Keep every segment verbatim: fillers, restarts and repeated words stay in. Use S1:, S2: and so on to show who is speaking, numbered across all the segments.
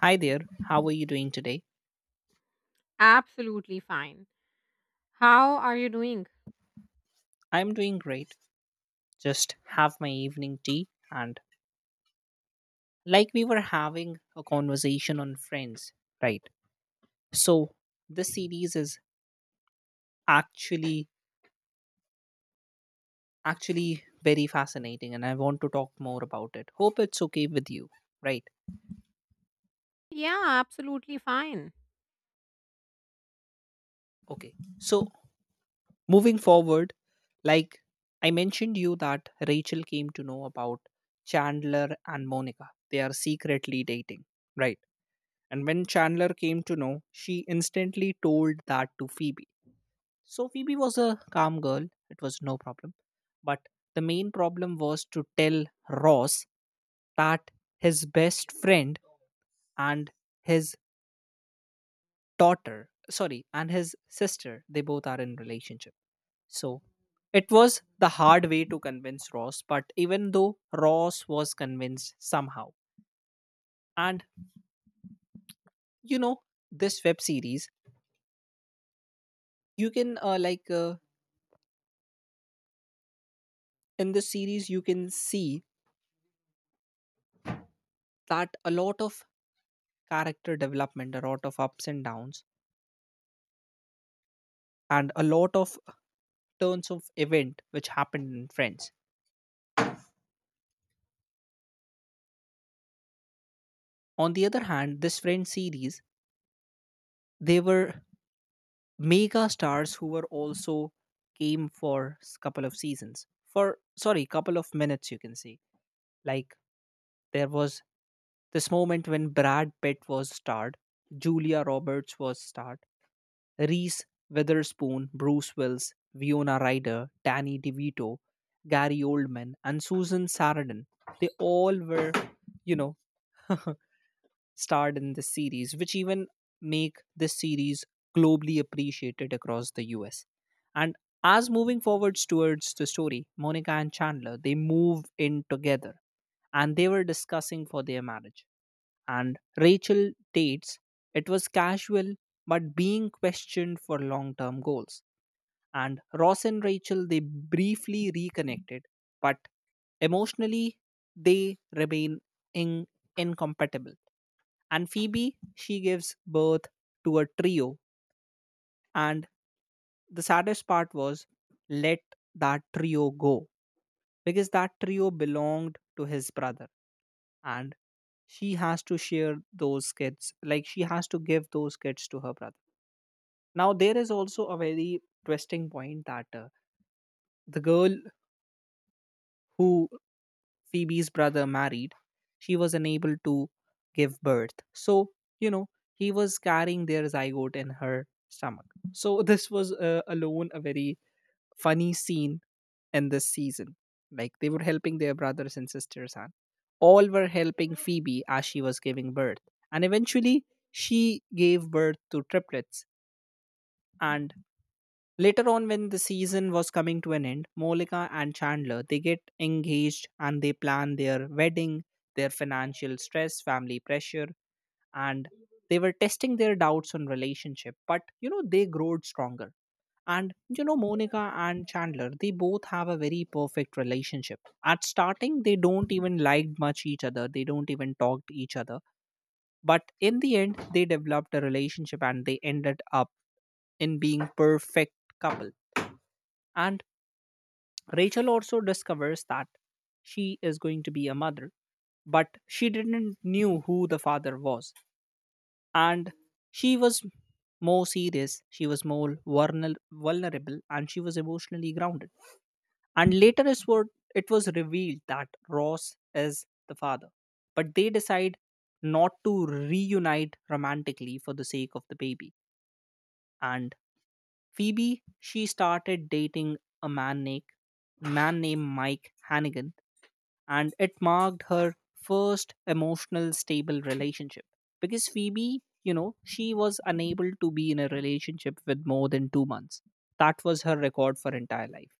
S1: Hi there, how are you doing today?
S2: Absolutely fine. How are you doing?
S1: I'm doing great. Just have my evening tea and like we were having a conversation on friends, right? So this series is actually actually very fascinating and I want to talk more about it. Hope it's okay with you, right?
S2: Yeah, absolutely fine.
S1: Okay. So moving forward, like I mentioned you that Rachel came to know about Chandler and Monica. They are secretly dating, right? And when Chandler came to know, she instantly told that to Phoebe. So Phoebe was a calm girl, it was no problem. But the main problem was to tell Ross that his best friend and his daughter, sorry, and his sister, they both are in relationship. So it was the hard way to convince Ross, but even though Ross was convinced somehow. And you know, this web series, you can uh, like uh, in this series you can see that a lot of character development, a lot of ups and downs, and a lot of turns of event which happened in friends. On the other hand, this Friends series, they were mega stars who were also came for s- couple of seasons, for sorry, couple of minutes you can say. Like there was this moment when Brad Pitt was starred, Julia Roberts was starred, Reese Witherspoon, Bruce Willis, Winona Ryder, Danny DeVito, Gary Oldman, and Susan Sarandon. They all were, you know, starred in this series, which even make this series globally appreciated across the U S. And as moving forwards towards the story, Monica and Chandler, they move in together and they were discussing for their marriage, and Rachel Tate's, it was casual but being questioned for long term goals. And Ross and Rachel, they briefly reconnected, but emotionally, they remain in- incompatible. And Phoebe, she gives birth to a trio, and the saddest part was let that trio go because that trio belonged to his brother, and she has to share those kids, like she has to give those kids to her brother. Now there is also a very twisting point that uh, the girl who Phoebe's brother married, she was unable to give birth, so you know, he was carrying their zygote in her stomach. So this was uh, alone a very funny scene in this season, like they were helping their brothers and sisters and. All were helping Phoebe as she was giving birth. And eventually, she gave birth to triplets. And later on, when the season was coming to an end, Monica and Chandler they get engaged and they plan their wedding, their financial stress, family pressure, and they were testing their doubts on relationship. But you know, they growed stronger. And you know, Monica and Chandler, they both have a very perfect relationship. At starting, they don't even like much each other. They don't even talk to each other, but in the end, they developed a relationship and they ended up in being perfect couple. And Rachel also discovers that she is going to be a mother, but she didn't knew who the father was. And she was more serious, she was more vulner- vulnerable, and she was emotionally grounded. And later is what it was revealed that Ross is the father. But they decide not to reunite romantically for the sake of the baby. And Phoebe, she started dating a man named man named Mike Hannigan, and it marked her first emotional stable relationship, because Phoebe, you know, she was unable to be in a relationship with more than two months. That was her record for entire life.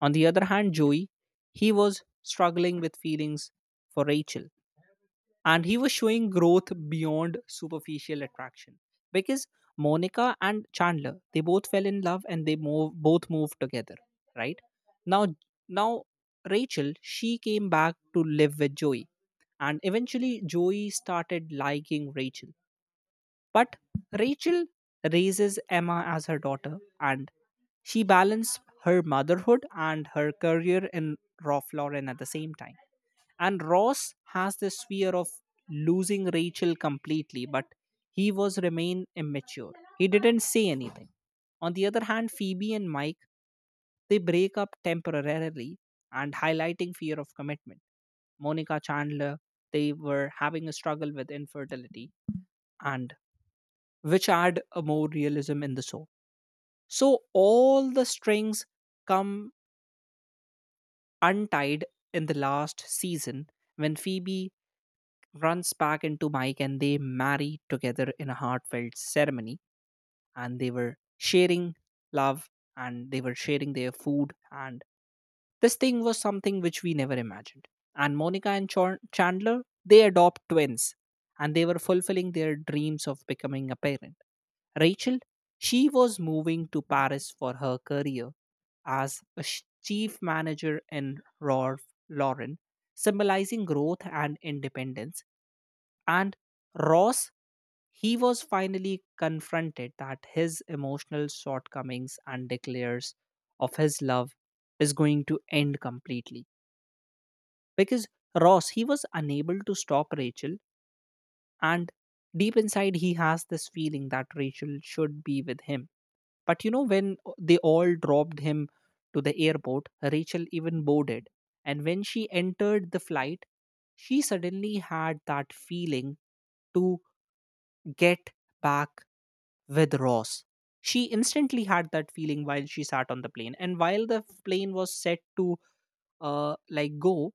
S1: On the other hand, Joey, he was struggling with feelings for Rachel, and he was showing growth beyond superficial attraction. Because Monica and Chandler, they both fell in love and they move, both moved together, right? Now, now Rachel, she came back to live with Joey, and eventually Joey started liking Rachel. But Rachel raises Emma as her daughter, and she balanced her motherhood and her career in Raw Florin at the same time. And Ross has this fear of losing Rachel completely, but he was remain immature. He didn't say anything. On the other hand, Phoebe and Mike, they break up temporarily and highlighting fear of commitment. Monica Chandler, they were having a struggle with infertility, and which add a more realism in the show. So all the strings come untied in the last season when Phoebe runs back into Mike and they marry together in a heartfelt ceremony. And they were sharing love and they were sharing their food. And this thing was something which we never imagined. And Monica and Chor- Chandler, they adopt twins and they were fulfilling their dreams of becoming a parent. Rachel, she was moving to Paris for her career as a sh- chief manager in Rolf Lauren, symbolizing growth and independence. And Ross, he was finally confronted that his emotional shortcomings and declares of his love is going to end completely. Because Ross, he was unable to stop Rachel, and deep inside, he has this feeling that Rachel should be with him. But you know, when they all dropped him to the airport, Rachel even boarded. And when she entered the flight, she suddenly had that feeling to get back with Ross. She instantly had that feeling while she sat on the plane. And while the plane was set to uh, like go,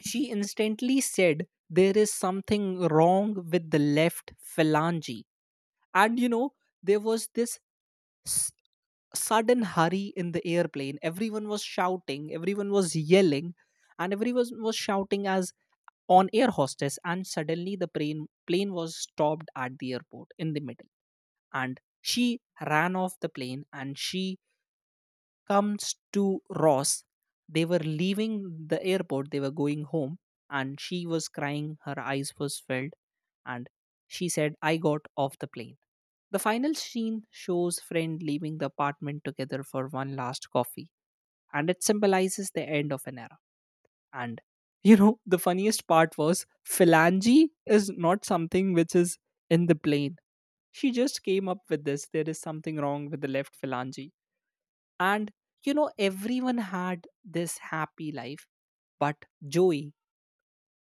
S1: she instantly said there is something wrong with the left phalange. And you know, there was this s- sudden hurry in the airplane. Everyone was shouting, everyone was yelling, and everyone was shouting as on air hostess. And suddenly the plane plane was stopped at the airport in the middle, and she ran off the plane and she comes to Ross. They were leaving the airport, they were going home, and she was crying, her eyes was filled, and she said I got off the plane. The final scene shows friend leaving the apartment together for one last coffee, and it symbolizes the end of an era. And you know, the funniest part was phalange is not something which is in the plane. She just came up with this. There is something wrong with the left phalange. And, you know, everyone had this happy life. But Joey,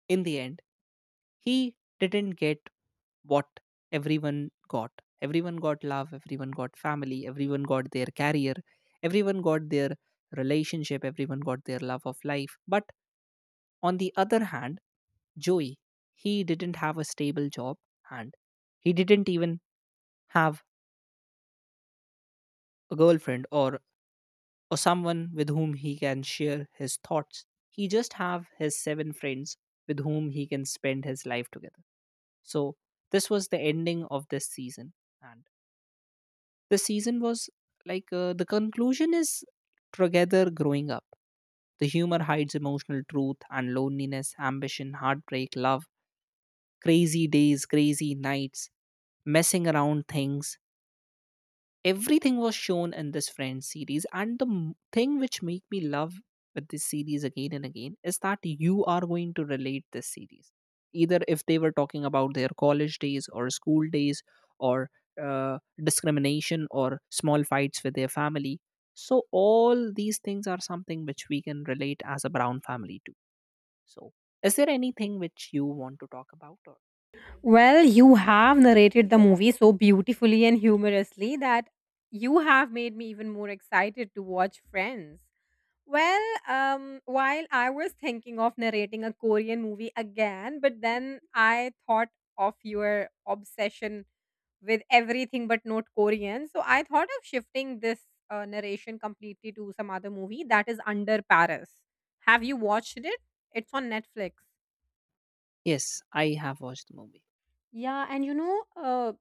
S1: in the end, he didn't get what everyone got. Everyone got love, everyone got family, everyone got their career, everyone got their relationship, everyone got their love of life. But on the other hand, Joey, he didn't have a stable job, and he didn't even have a girlfriend, or or someone with whom he can share his thoughts. He just have his seven friends with whom he can spend his life together. So this was the ending of this season, and the season was like uh, the conclusion is together growing up. The humor hides emotional truth and loneliness, ambition, heartbreak, love, crazy days, crazy nights, messing around things, everything was shown in this friends series. And the m- thing which make me love with this series again and again is that you are going to relate this series, either if they were talking about their college days or school days, or uh, discrimination or small fights with their family. So all these things are something which we can relate as a brown family to. So is there anything which you want to talk about? Or
S2: Well, you have narrated the movie so beautifully and humorously that you have made me even more excited to watch Friends. Well, um, while I was thinking of narrating a Korean movie again, but then I thought of your obsession with everything but not Korean. So I thought of shifting this uh, narration completely to some other movie, that is Under Paris. Have you watched it? It's on Netflix.
S1: yes, I have watched the movie.
S2: Yeah, and you know, uh,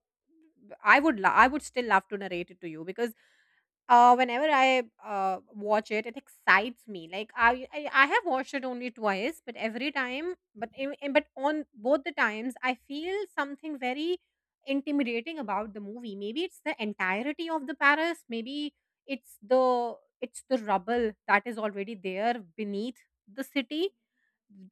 S2: I would lo- I would still love to narrate it to you because Uh, whenever I uh, watch it, it excites me. Like I, I, I have watched it only twice, but every time, but in, in- but on both the times, I feel something very intimidating about the movie. Maybe it's the entirety of the Paris. Maybe it's the it's the rubble that is already there beneath the city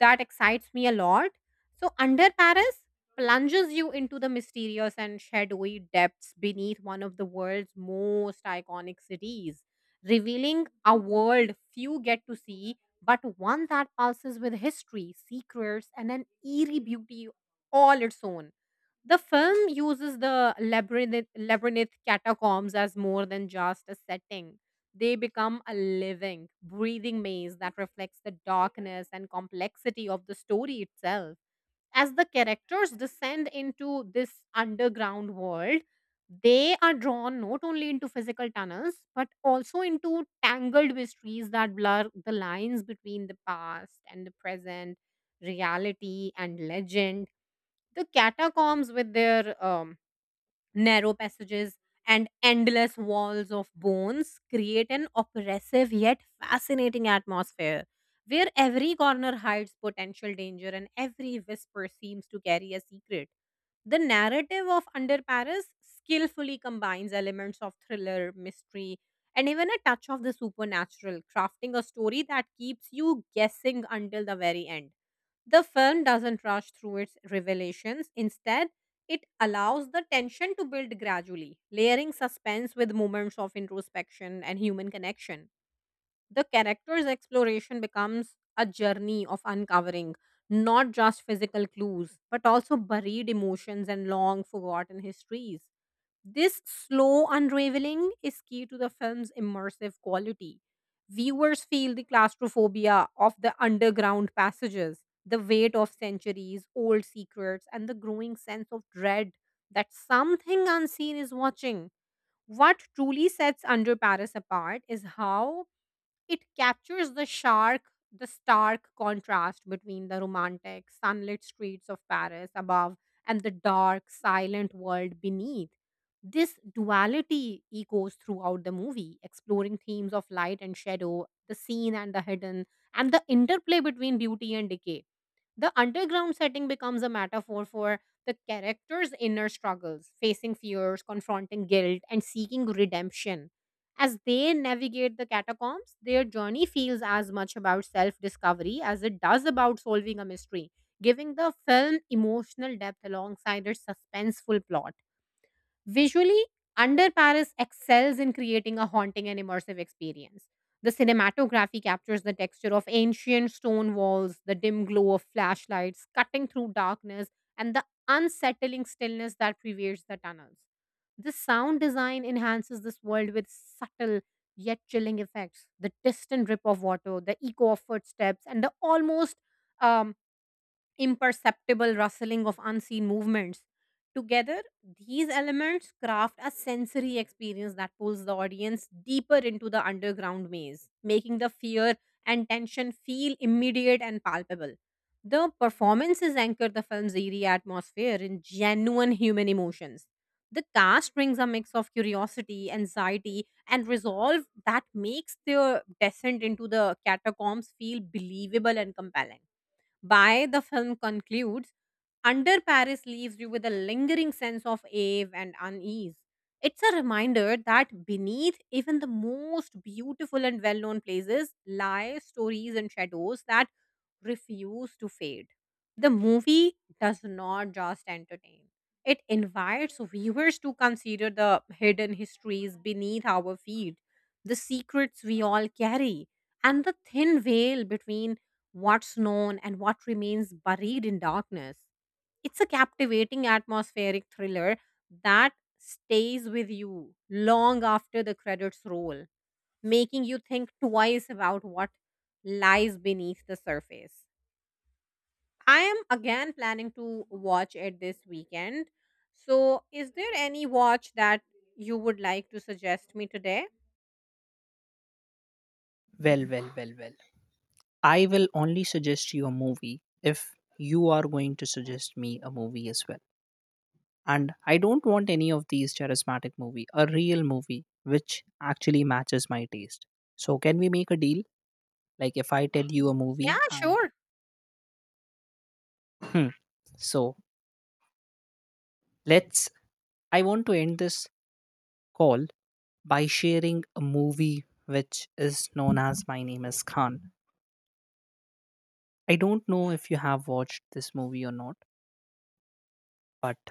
S2: that excites me a lot. So Under Paris plunges you into the mysterious and shadowy depths beneath one of the world's most iconic cities, revealing a world few get to see, but one that pulses with history, secrets, and an eerie beauty all its own. The film uses the labyrinth, labyrinth catacombs as more than just a setting. They become a living, breathing maze that reflects the darkness and complexity of the story itself. As the characters descend into this underground world, they are drawn not only into physical tunnels but also into tangled mysteries that blur the lines between the past and the present, reality and legend. The catacombs, with their um, narrow passages and endless walls of bones, create an oppressive yet fascinating atmosphere where every corner hides potential danger and every whisper seems to carry a secret. The narrative of Under Paris skillfully combines elements of thriller, mystery, and even a touch of the supernatural, crafting a story that keeps you guessing until the very end. The film doesn't rush through its revelations. Instead, it allows the tension to build gradually, layering suspense with moments of introspection and human connection. The character's exploration becomes a journey of uncovering not just physical clues, but also buried emotions and long forgotten histories. This slow unraveling is key to the film's immersive quality. Viewers feel the claustrophobia of the underground passages, the weight of centuries old secrets, and the growing sense of dread that something unseen is watching. What truly sets Under Paris apart is how it captures the shark, the stark contrast between the romantic, sunlit streets of Paris above and the dark, silent world beneath. This duality echoes throughout the movie, exploring themes of light and shadow, the seen and the hidden, and the interplay between beauty and decay. The underground setting becomes a metaphor for the character's inner struggles, facing fears, confronting guilt, and seeking redemption. As they navigate the catacombs, their journey feels as much about self discovery as it does about solving a mystery, giving the film emotional depth alongside its suspenseful plot. Visually, Under Paris excels in creating a haunting and immersive experience. The cinematography captures the texture of ancient stone walls, the dim glow of flashlights cutting through darkness, and the unsettling stillness that pervades the tunnels. The sound design enhances this world with subtle yet chilling effects: the distant drip of water, the echo of footsteps, and the almost um, imperceptible rustling of unseen movements. Together, these elements craft a sensory experience that pulls the audience deeper into the underground maze, making the fear and tension feel immediate and palpable. The performances anchor the film's eerie atmosphere in genuine human emotions. The cast brings a mix of curiosity, anxiety, and resolve that makes their descent into the catacombs feel believable and compelling. By the film concludes, Under Paris leaves you with a lingering sense of awe and unease. It's a reminder that beneath even the most beautiful and well known places lie stories and shadows that refuse to fade. The movie does not just entertain, it invites viewers to consider the hidden histories beneath our feet, the secrets we all carry, and the thin veil between what's known and what remains buried in darkness. It's a captivating atmospheric thriller that stays with you long after the credits roll, making you think twice about what lies beneath the surface. I am again planning to watch it this weekend. So, is there any watch that you would like to suggest me today?
S1: Well, well, well, well. I will only suggest you a movie if you are going to suggest me a movie as well. And I don't want any of these charismatic movie, a real movie which actually matches my taste. So can we make a deal? Like if I tell you a
S2: Yeah,
S1: movie and
S2: sure.
S1: hmm, so let's I want to end this call by sharing a movie which is known as My Name is Khan. I don't know if you have watched this movie or not, but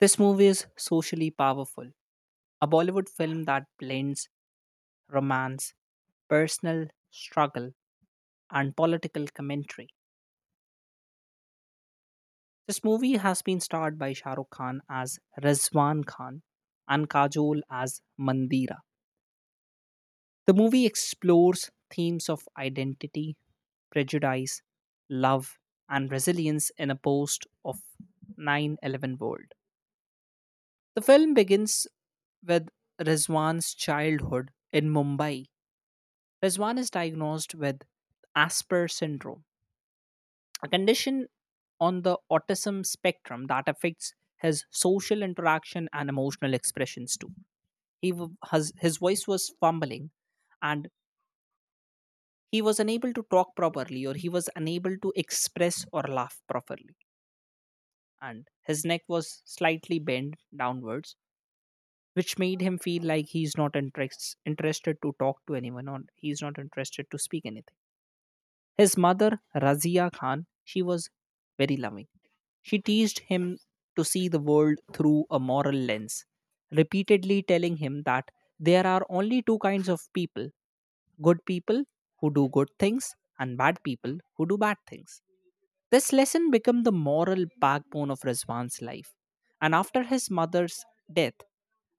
S1: this movie is socially powerful. A Bollywood film that blends romance, personal struggle, and political commentary. This movie has been starred by Shah Rukh Khan as Rizwan Khan and Kajol as Mandira. The movie explores themes of identity, prejudice, love, and resilience in a post of nine eleven world. The film begins with Rizwan's childhood in Mumbai. Rizwan is diagnosed with Asper syndrome, a condition on the autism spectrum that affects his social interaction and emotional expressions too. He w- has, his voice was fumbling, and he was unable to talk properly, or he was unable to express or laugh properly. And his neck was slightly bent downwards, which made him feel like he's not interest, interested to talk to anyone, or he's not interested to speak anything. His mother, Razia Khan, she was very loving. She teased him to see the world through a moral lens, repeatedly telling him that there are only two kinds of people, good people who do good things, and bad people who do bad things. This lesson became the moral backbone of Rizwan's life. And after his mother's death,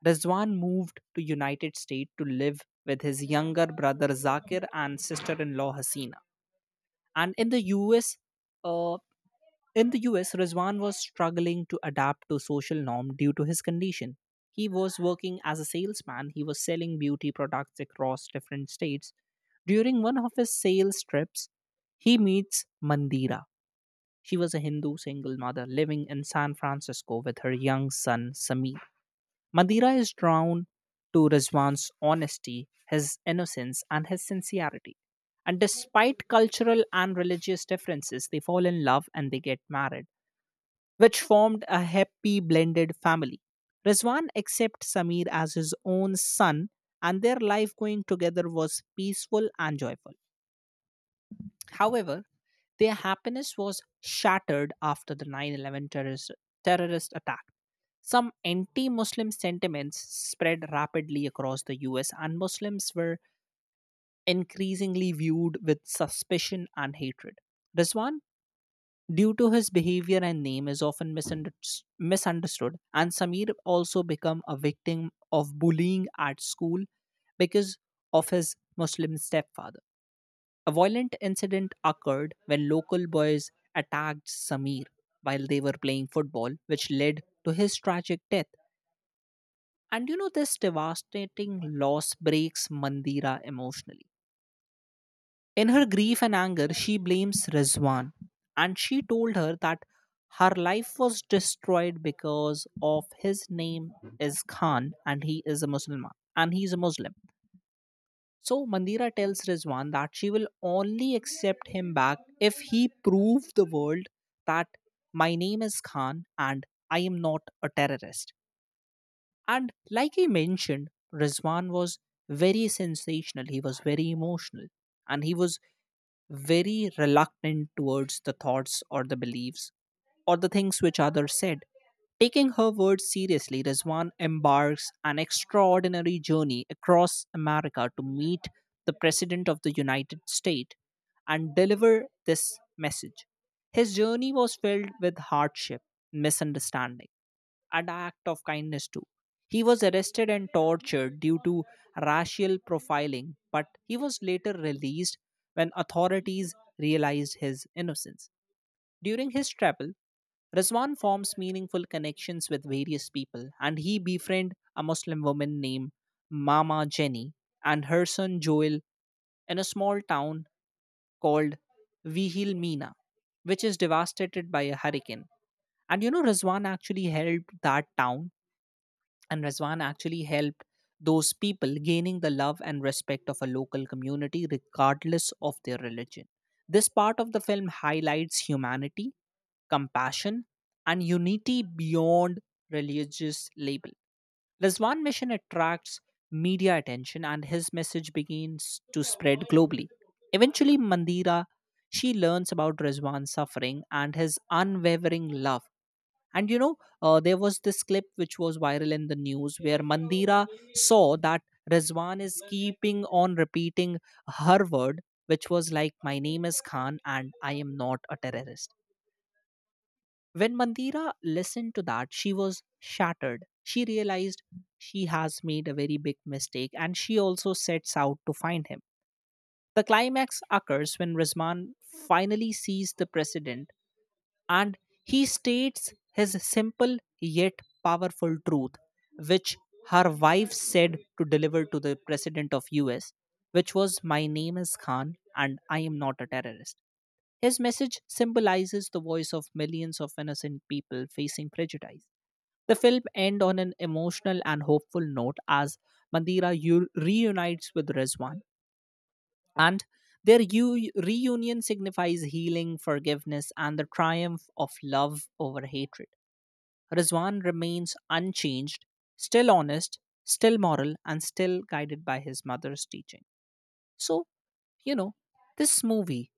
S1: Rizwan moved to United States to live with his younger brother Zakir and sister-in-law Hasina and in the us uh, in the U S, Rizwan was struggling to adapt to social norm due to his condition. He was working as a salesman. He was selling beauty products across different states. During one of his sales trips, he meets Mandira. She was a Hindu single mother living in San Francisco with her young son Sameer. Madeira is drawn to Rizwan's honesty, his innocence, and his sincerity. And despite cultural and religious differences, they fall in love and they get married, which formed a happy blended family. Rizwan accepts Samir as his own son, and their life going together was peaceful and joyful. However, their happiness was shattered after the nine eleven terrorist, terrorist attack. Some anti-Muslim sentiments spread rapidly across the U S, and Muslims were increasingly viewed with suspicion and hatred. Rizwan, due to his behavior and name, is often misunder- misunderstood, and Samir also became a victim of bullying at school because of his Muslim stepfather. A violent incident occurred when local boys attacked Samir while they were playing football, which led to his tragic death. And you know, this devastating loss breaks Mandira emotionally. In her grief and anger, she blames Rizwan and she told her that her life was destroyed because of his name is Khan and he is a Muslim and he's a Muslim. So Mandira tells Rizwan that she will only accept him back if he proves the world that my name is Khan and I am not a terrorist. And like I mentioned, Rizwan was very sensational. He was very emotional, and he was very reluctant towards the thoughts or the beliefs or the things which others said. Taking her words seriously, Rizwan embarks an extraordinary journey across America to meet the President of the United States and deliver this message. His journey was filled with hardship, misunderstanding, an act of kindness too. He was arrested and tortured due to racial profiling, but he was later released when authorities realized his innocence. During his travel, Rizwan forms meaningful connections with various people, and he befriends a Muslim woman named Mama Jenny and her son Joel in a small town called Vihil Mina, which is devastated by a hurricane. And you know, Rizwan actually helped that town, and Razwan actually helped those people, gaining the love and respect of a local community regardless of their religion. This part of the film highlights humanity, compassion, and unity beyond religious label. Razwan mission attracts media attention, and his message begins to spread globally. Eventually Mandira she learns about Razwan's suffering and his unwavering love, and you know, uh, there was this clip which was viral in the news where Mandira saw that Rizwan is keeping on repeating her word, which was like, "My name is Khan and I am not a terrorist." When Mandira listened to that, she was shattered. She realized she has made a very big mistake, and she also sets out to find him. The climax occurs when Rizwan finally sees the president, and he states his simple yet powerful truth, which her wife said to deliver to the president of U S, which was, "My name is Khan and I am not a terrorist." His message symbolizes the voice of millions of innocent people facing prejudice. The film ends on an emotional and hopeful note as Mandira u- reunites with Rizwan, and their u- reunion signifies healing, forgiveness, and the triumph of love over hatred. Rizwan remains unchanged, still honest, still moral, and still guided by his mother's teaching. So, you know, this movie,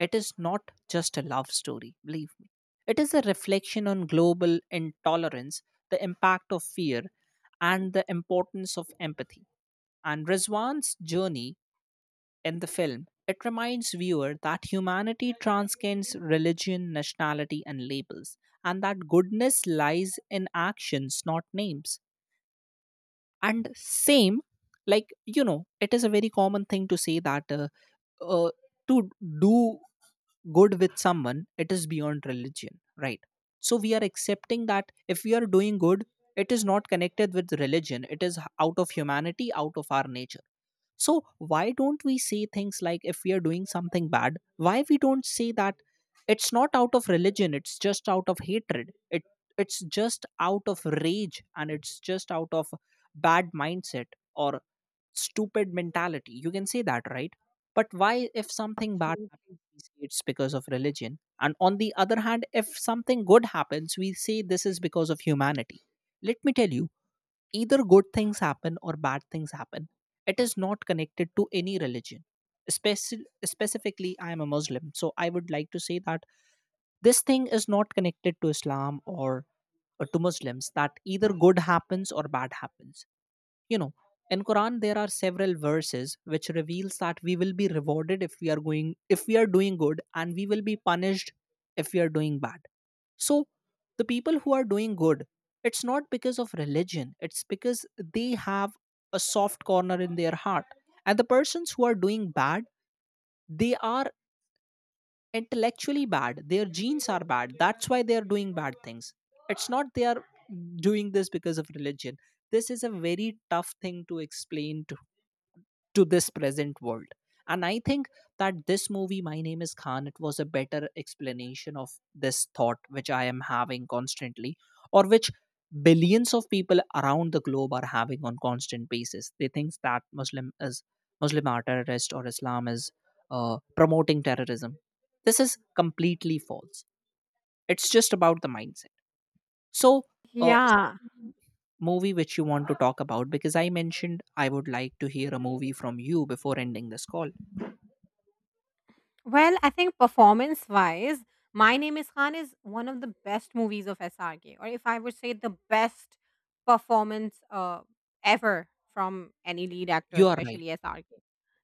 S1: it is not just a love story, believe me. It is a reflection on global intolerance, the impact of fear, and the importance of empathy. And Rizwan's journey in the film, it reminds viewer that humanity transcends religion, nationality, and labels, and that goodness lies in actions, not names. And same, like you know, it is a very common thing to say that, uh, uh, to do good with someone, it is beyond religion, right? So we are accepting that if we are doing good, it is not connected with religion. It is h- out of humanity, out of our nature. So why don't we say things like, if we are doing something bad, why we don't say that it's not out of religion, it's just out of hatred, it it's just out of rage, and it's just out of bad mindset or stupid mentality, you can say that, right? But why if something bad happens, we say it's because of religion, and on the other hand if something good happens, we say this is because of humanity? Let me tell you, either good things happen or bad things happen, it is not connected to any religion. Speci- specifically, I am a Muslim, so I would like to say that this thing is not connected to Islam, or, or to Muslims, that either good happens or bad happens. You know, in quran there are several verses which reveals that we will be rewarded if we are going if we are doing good, and we will be punished if we are doing bad. So the people who are doing good, it's not because of religion, it's because they have a soft corner in their heart. And the persons who are doing bad, they are intellectually bad, their genes are bad, that's why they are doing bad things. It's not they are doing this because of religion. This is a very tough thing to explain to to this present world. And I think that this movie, My Name is Khan, it was a better explanation of this thought which I am having constantly, or which billions of people around the globe are having on constant basis. They think that Muslim is Muslim are terrorist, or Islam is uh, promoting terrorism. This is completely false. It's just about the mindset. So, uh, is
S2: Yeah.
S1: there any movie which you want to talk about? Because I mentioned I would like to hear a movie from you before ending this call.
S2: Well, I think performance wise, My Name is Khan is one of the best movies of S R K, or if I would say the best performance uh, ever from any lead actor,
S1: You are right.
S2: especially S R K.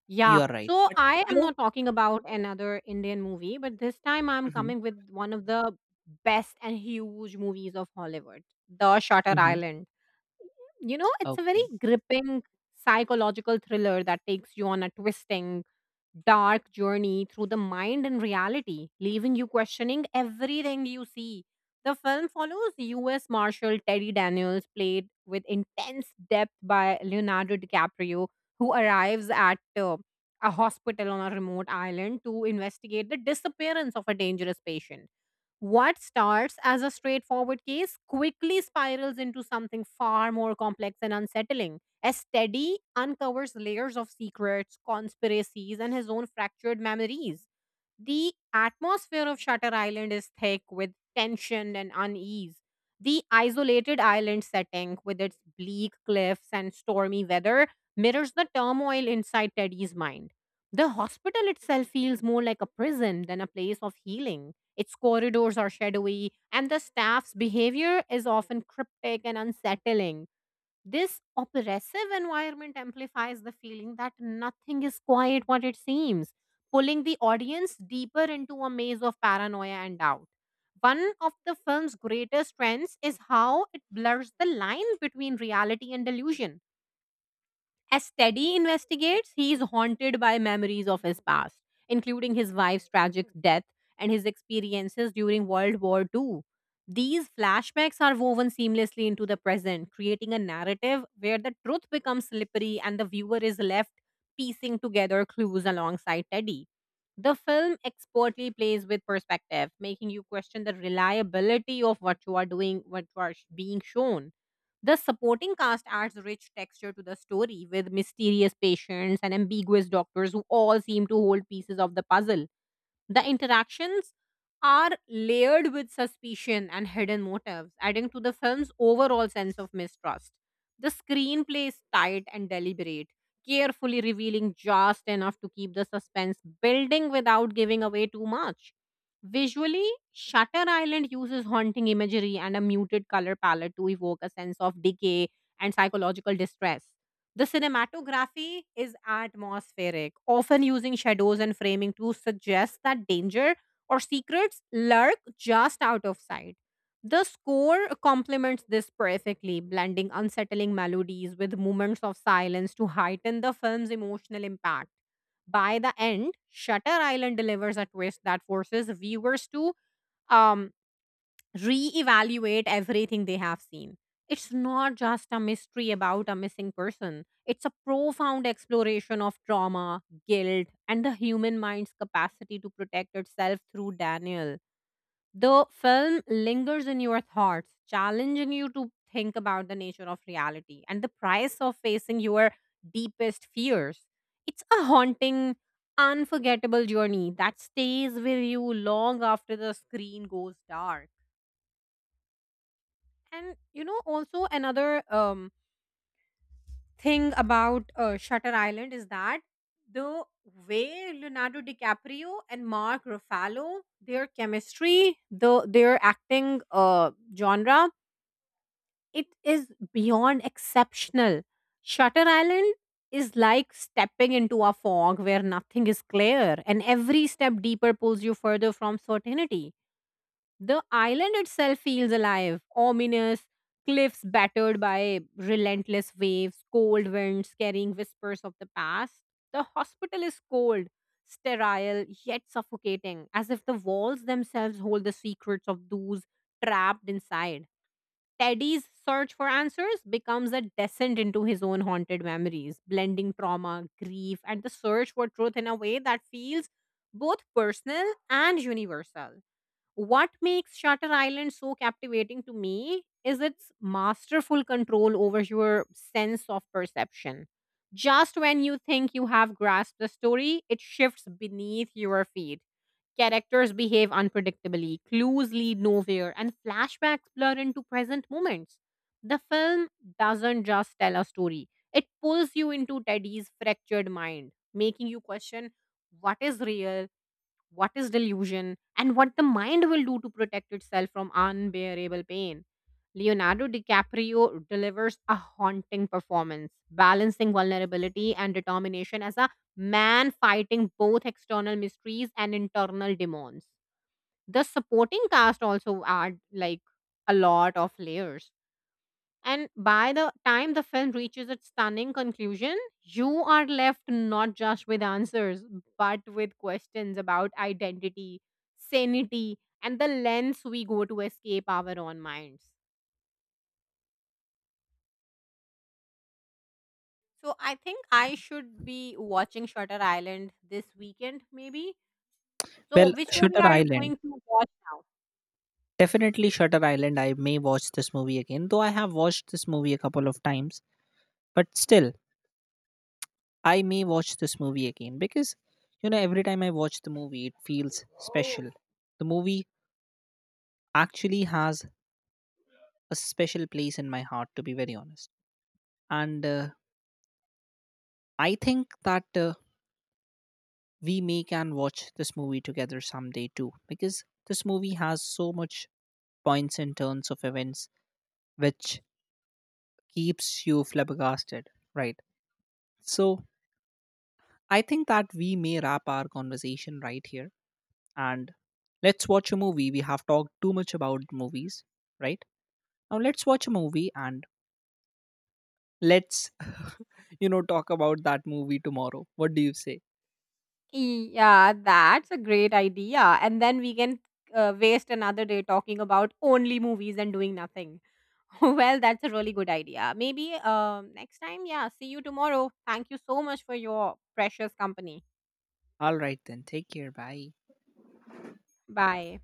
S2: Yeah.
S1: You are right.
S2: So
S1: But
S2: I
S1: you
S2: am
S1: know,
S2: not talking about another Indian movie, but this time I'm
S1: Mhm,
S2: coming with one of the best and huge movies of Hollywood, The Shutter
S1: mhm.
S2: Island. You know, it's a very
S1: Okay.
S2: gripping psychological thriller that takes you on a twisting, dark journey through the mind and reality, leaving you questioning everything you see. The film follows U S Marshal Teddy Daniels, played with intense depth by Leonardo DiCaprio, who arrives at uh, a hospital on a remote island to investigate the disappearance of a dangerous patient. What starts as a straightforward case quickly spirals into something far more complex and unsettling, as Steady uncovers layers of secrets, conspiracies, and his own fractured memories. The atmosphere of Shutter Island is thick with tension and unease. The isolated island setting, with its bleak cliffs and stormy weather, mirrors the turmoil inside Teddy's mind. The hospital itself feels more like a prison than a place of healing. Its corridors are shadowy, and the staff's behavior is often cryptic and unsettling. This oppressive environment amplifies the feeling that nothing is quite what it seems, pulling the audience deeper into a maze of paranoia and doubt. One of the film's greatest strengths is how it blurs the line between reality and delusion. As Teddy investigates, he is haunted by memories of his past, including his wife's tragic death and his experiences during World War two. These flashbacks are woven seamlessly into the present, creating a narrative where the truth becomes slippery and the viewer is left piecing together clues alongside Teddy. The film expertly plays with perspective, making you question the reliability of what you are doing, what you are sh- being shown. The supporting cast adds rich texture to the story with mysterious patients and ambiguous doctors who all seem to hold pieces of the puzzle. The interactions are layered with suspicion and hidden motives, adding to the film's overall sense of mistrust. The screenplay is tight and deliberate, carefully revealing just enough to keep the suspense building without giving away too much. Visually, Shutter Island uses haunting imagery and a muted color palette to evoke a sense of decay and psychological distress. The cinematography is atmospheric, often using shadows and framing to suggest that danger or secrets lurk just out of sight. The score complements this perfectly, blending unsettling melodies with moments of silence to heighten the film's emotional impact. By the end, Shutter Island delivers a twist that forces viewers to um, reevaluate everything they have seen. It's not just a mystery about a missing person, it's a profound exploration of trauma, guilt, and the human mind's capacity to protect itself through Daniel. The film lingers in your thoughts, challenging you to think about the nature of reality and the price of facing your deepest fears. It's a haunting, unforgettable journey that stays with you long after the screen goes dark. And you know, also another um, thing about uh, Shutter Island is that the way Leonardo DiCaprio and Mark Ruffalo, their chemistry, the their acting uh, genre, it is beyond exceptional. Shutter Island is like stepping into a fog where nothing is clear, and every step deeper pulls you further from certainty. The island itself feels alive, ominous, cliffs battered by relentless waves, cold winds carrying whispers of the past. The hospital is cold, sterile, yet suffocating, as if the walls themselves hold the secrets of those trapped inside. Teddy's search for answers becomes a descent into his own haunted memories, blending trauma, grief, and the search for truth in a way that feels both personal and universal. What makes Shutter Island so captivating to me is its masterful control over your sense of perception. Just when you think you have grasped the story, it shifts beneath your feet. Characters behave unpredictably, clues lead nowhere, and flashbacks blur into present moments. The film doesn't just tell a story, it pulls you into Teddy's fractured mind, making you question what is real, what is delusion, and what the mind will do to protect itself from unbearable pain. Leonardo DiCaprio delivers a haunting performance, balancing vulnerability and determination as a man fighting both external mysteries and internal demons. The supporting cast also add like a lot of layers. And by the time the film reaches its stunning conclusion, you are left not just with answers, but with questions about identity, sanity, and the lengths we go to escape our own minds. So I think I should be watching Shutter Island this weekend, maybe. So
S1: Well,
S2: which movie
S1: Shutter
S2: are you
S1: Island.
S2: going to watch now?
S1: Definitely Shutter Island. I may watch this movie again, though I have watched this movie a couple of times. But still, I may watch this movie again because, you know, every time I watch the movie, it feels special. The movie actually has a special place in my heart, to be very honest. And uh, I think that, uh, we may can watch this movie together someday too, because this movie has so much points and turns of events which keeps you flabbergasted, right? So I think that we may wrap our conversation right here, and let's watch a movie. We have talked too much about movies, right? Now let's watch a movie and let's, you know, talk about that movie tomorrow. What do you say?
S2: Yeah, that's a great idea. And then we can uh, waste another day talking about only movies and doing nothing. Well, that's a really good idea. Maybe um, next time, yeah, see you tomorrow. Thank you so much for your precious company.
S1: All right then. Take care. Bye.
S2: Bye.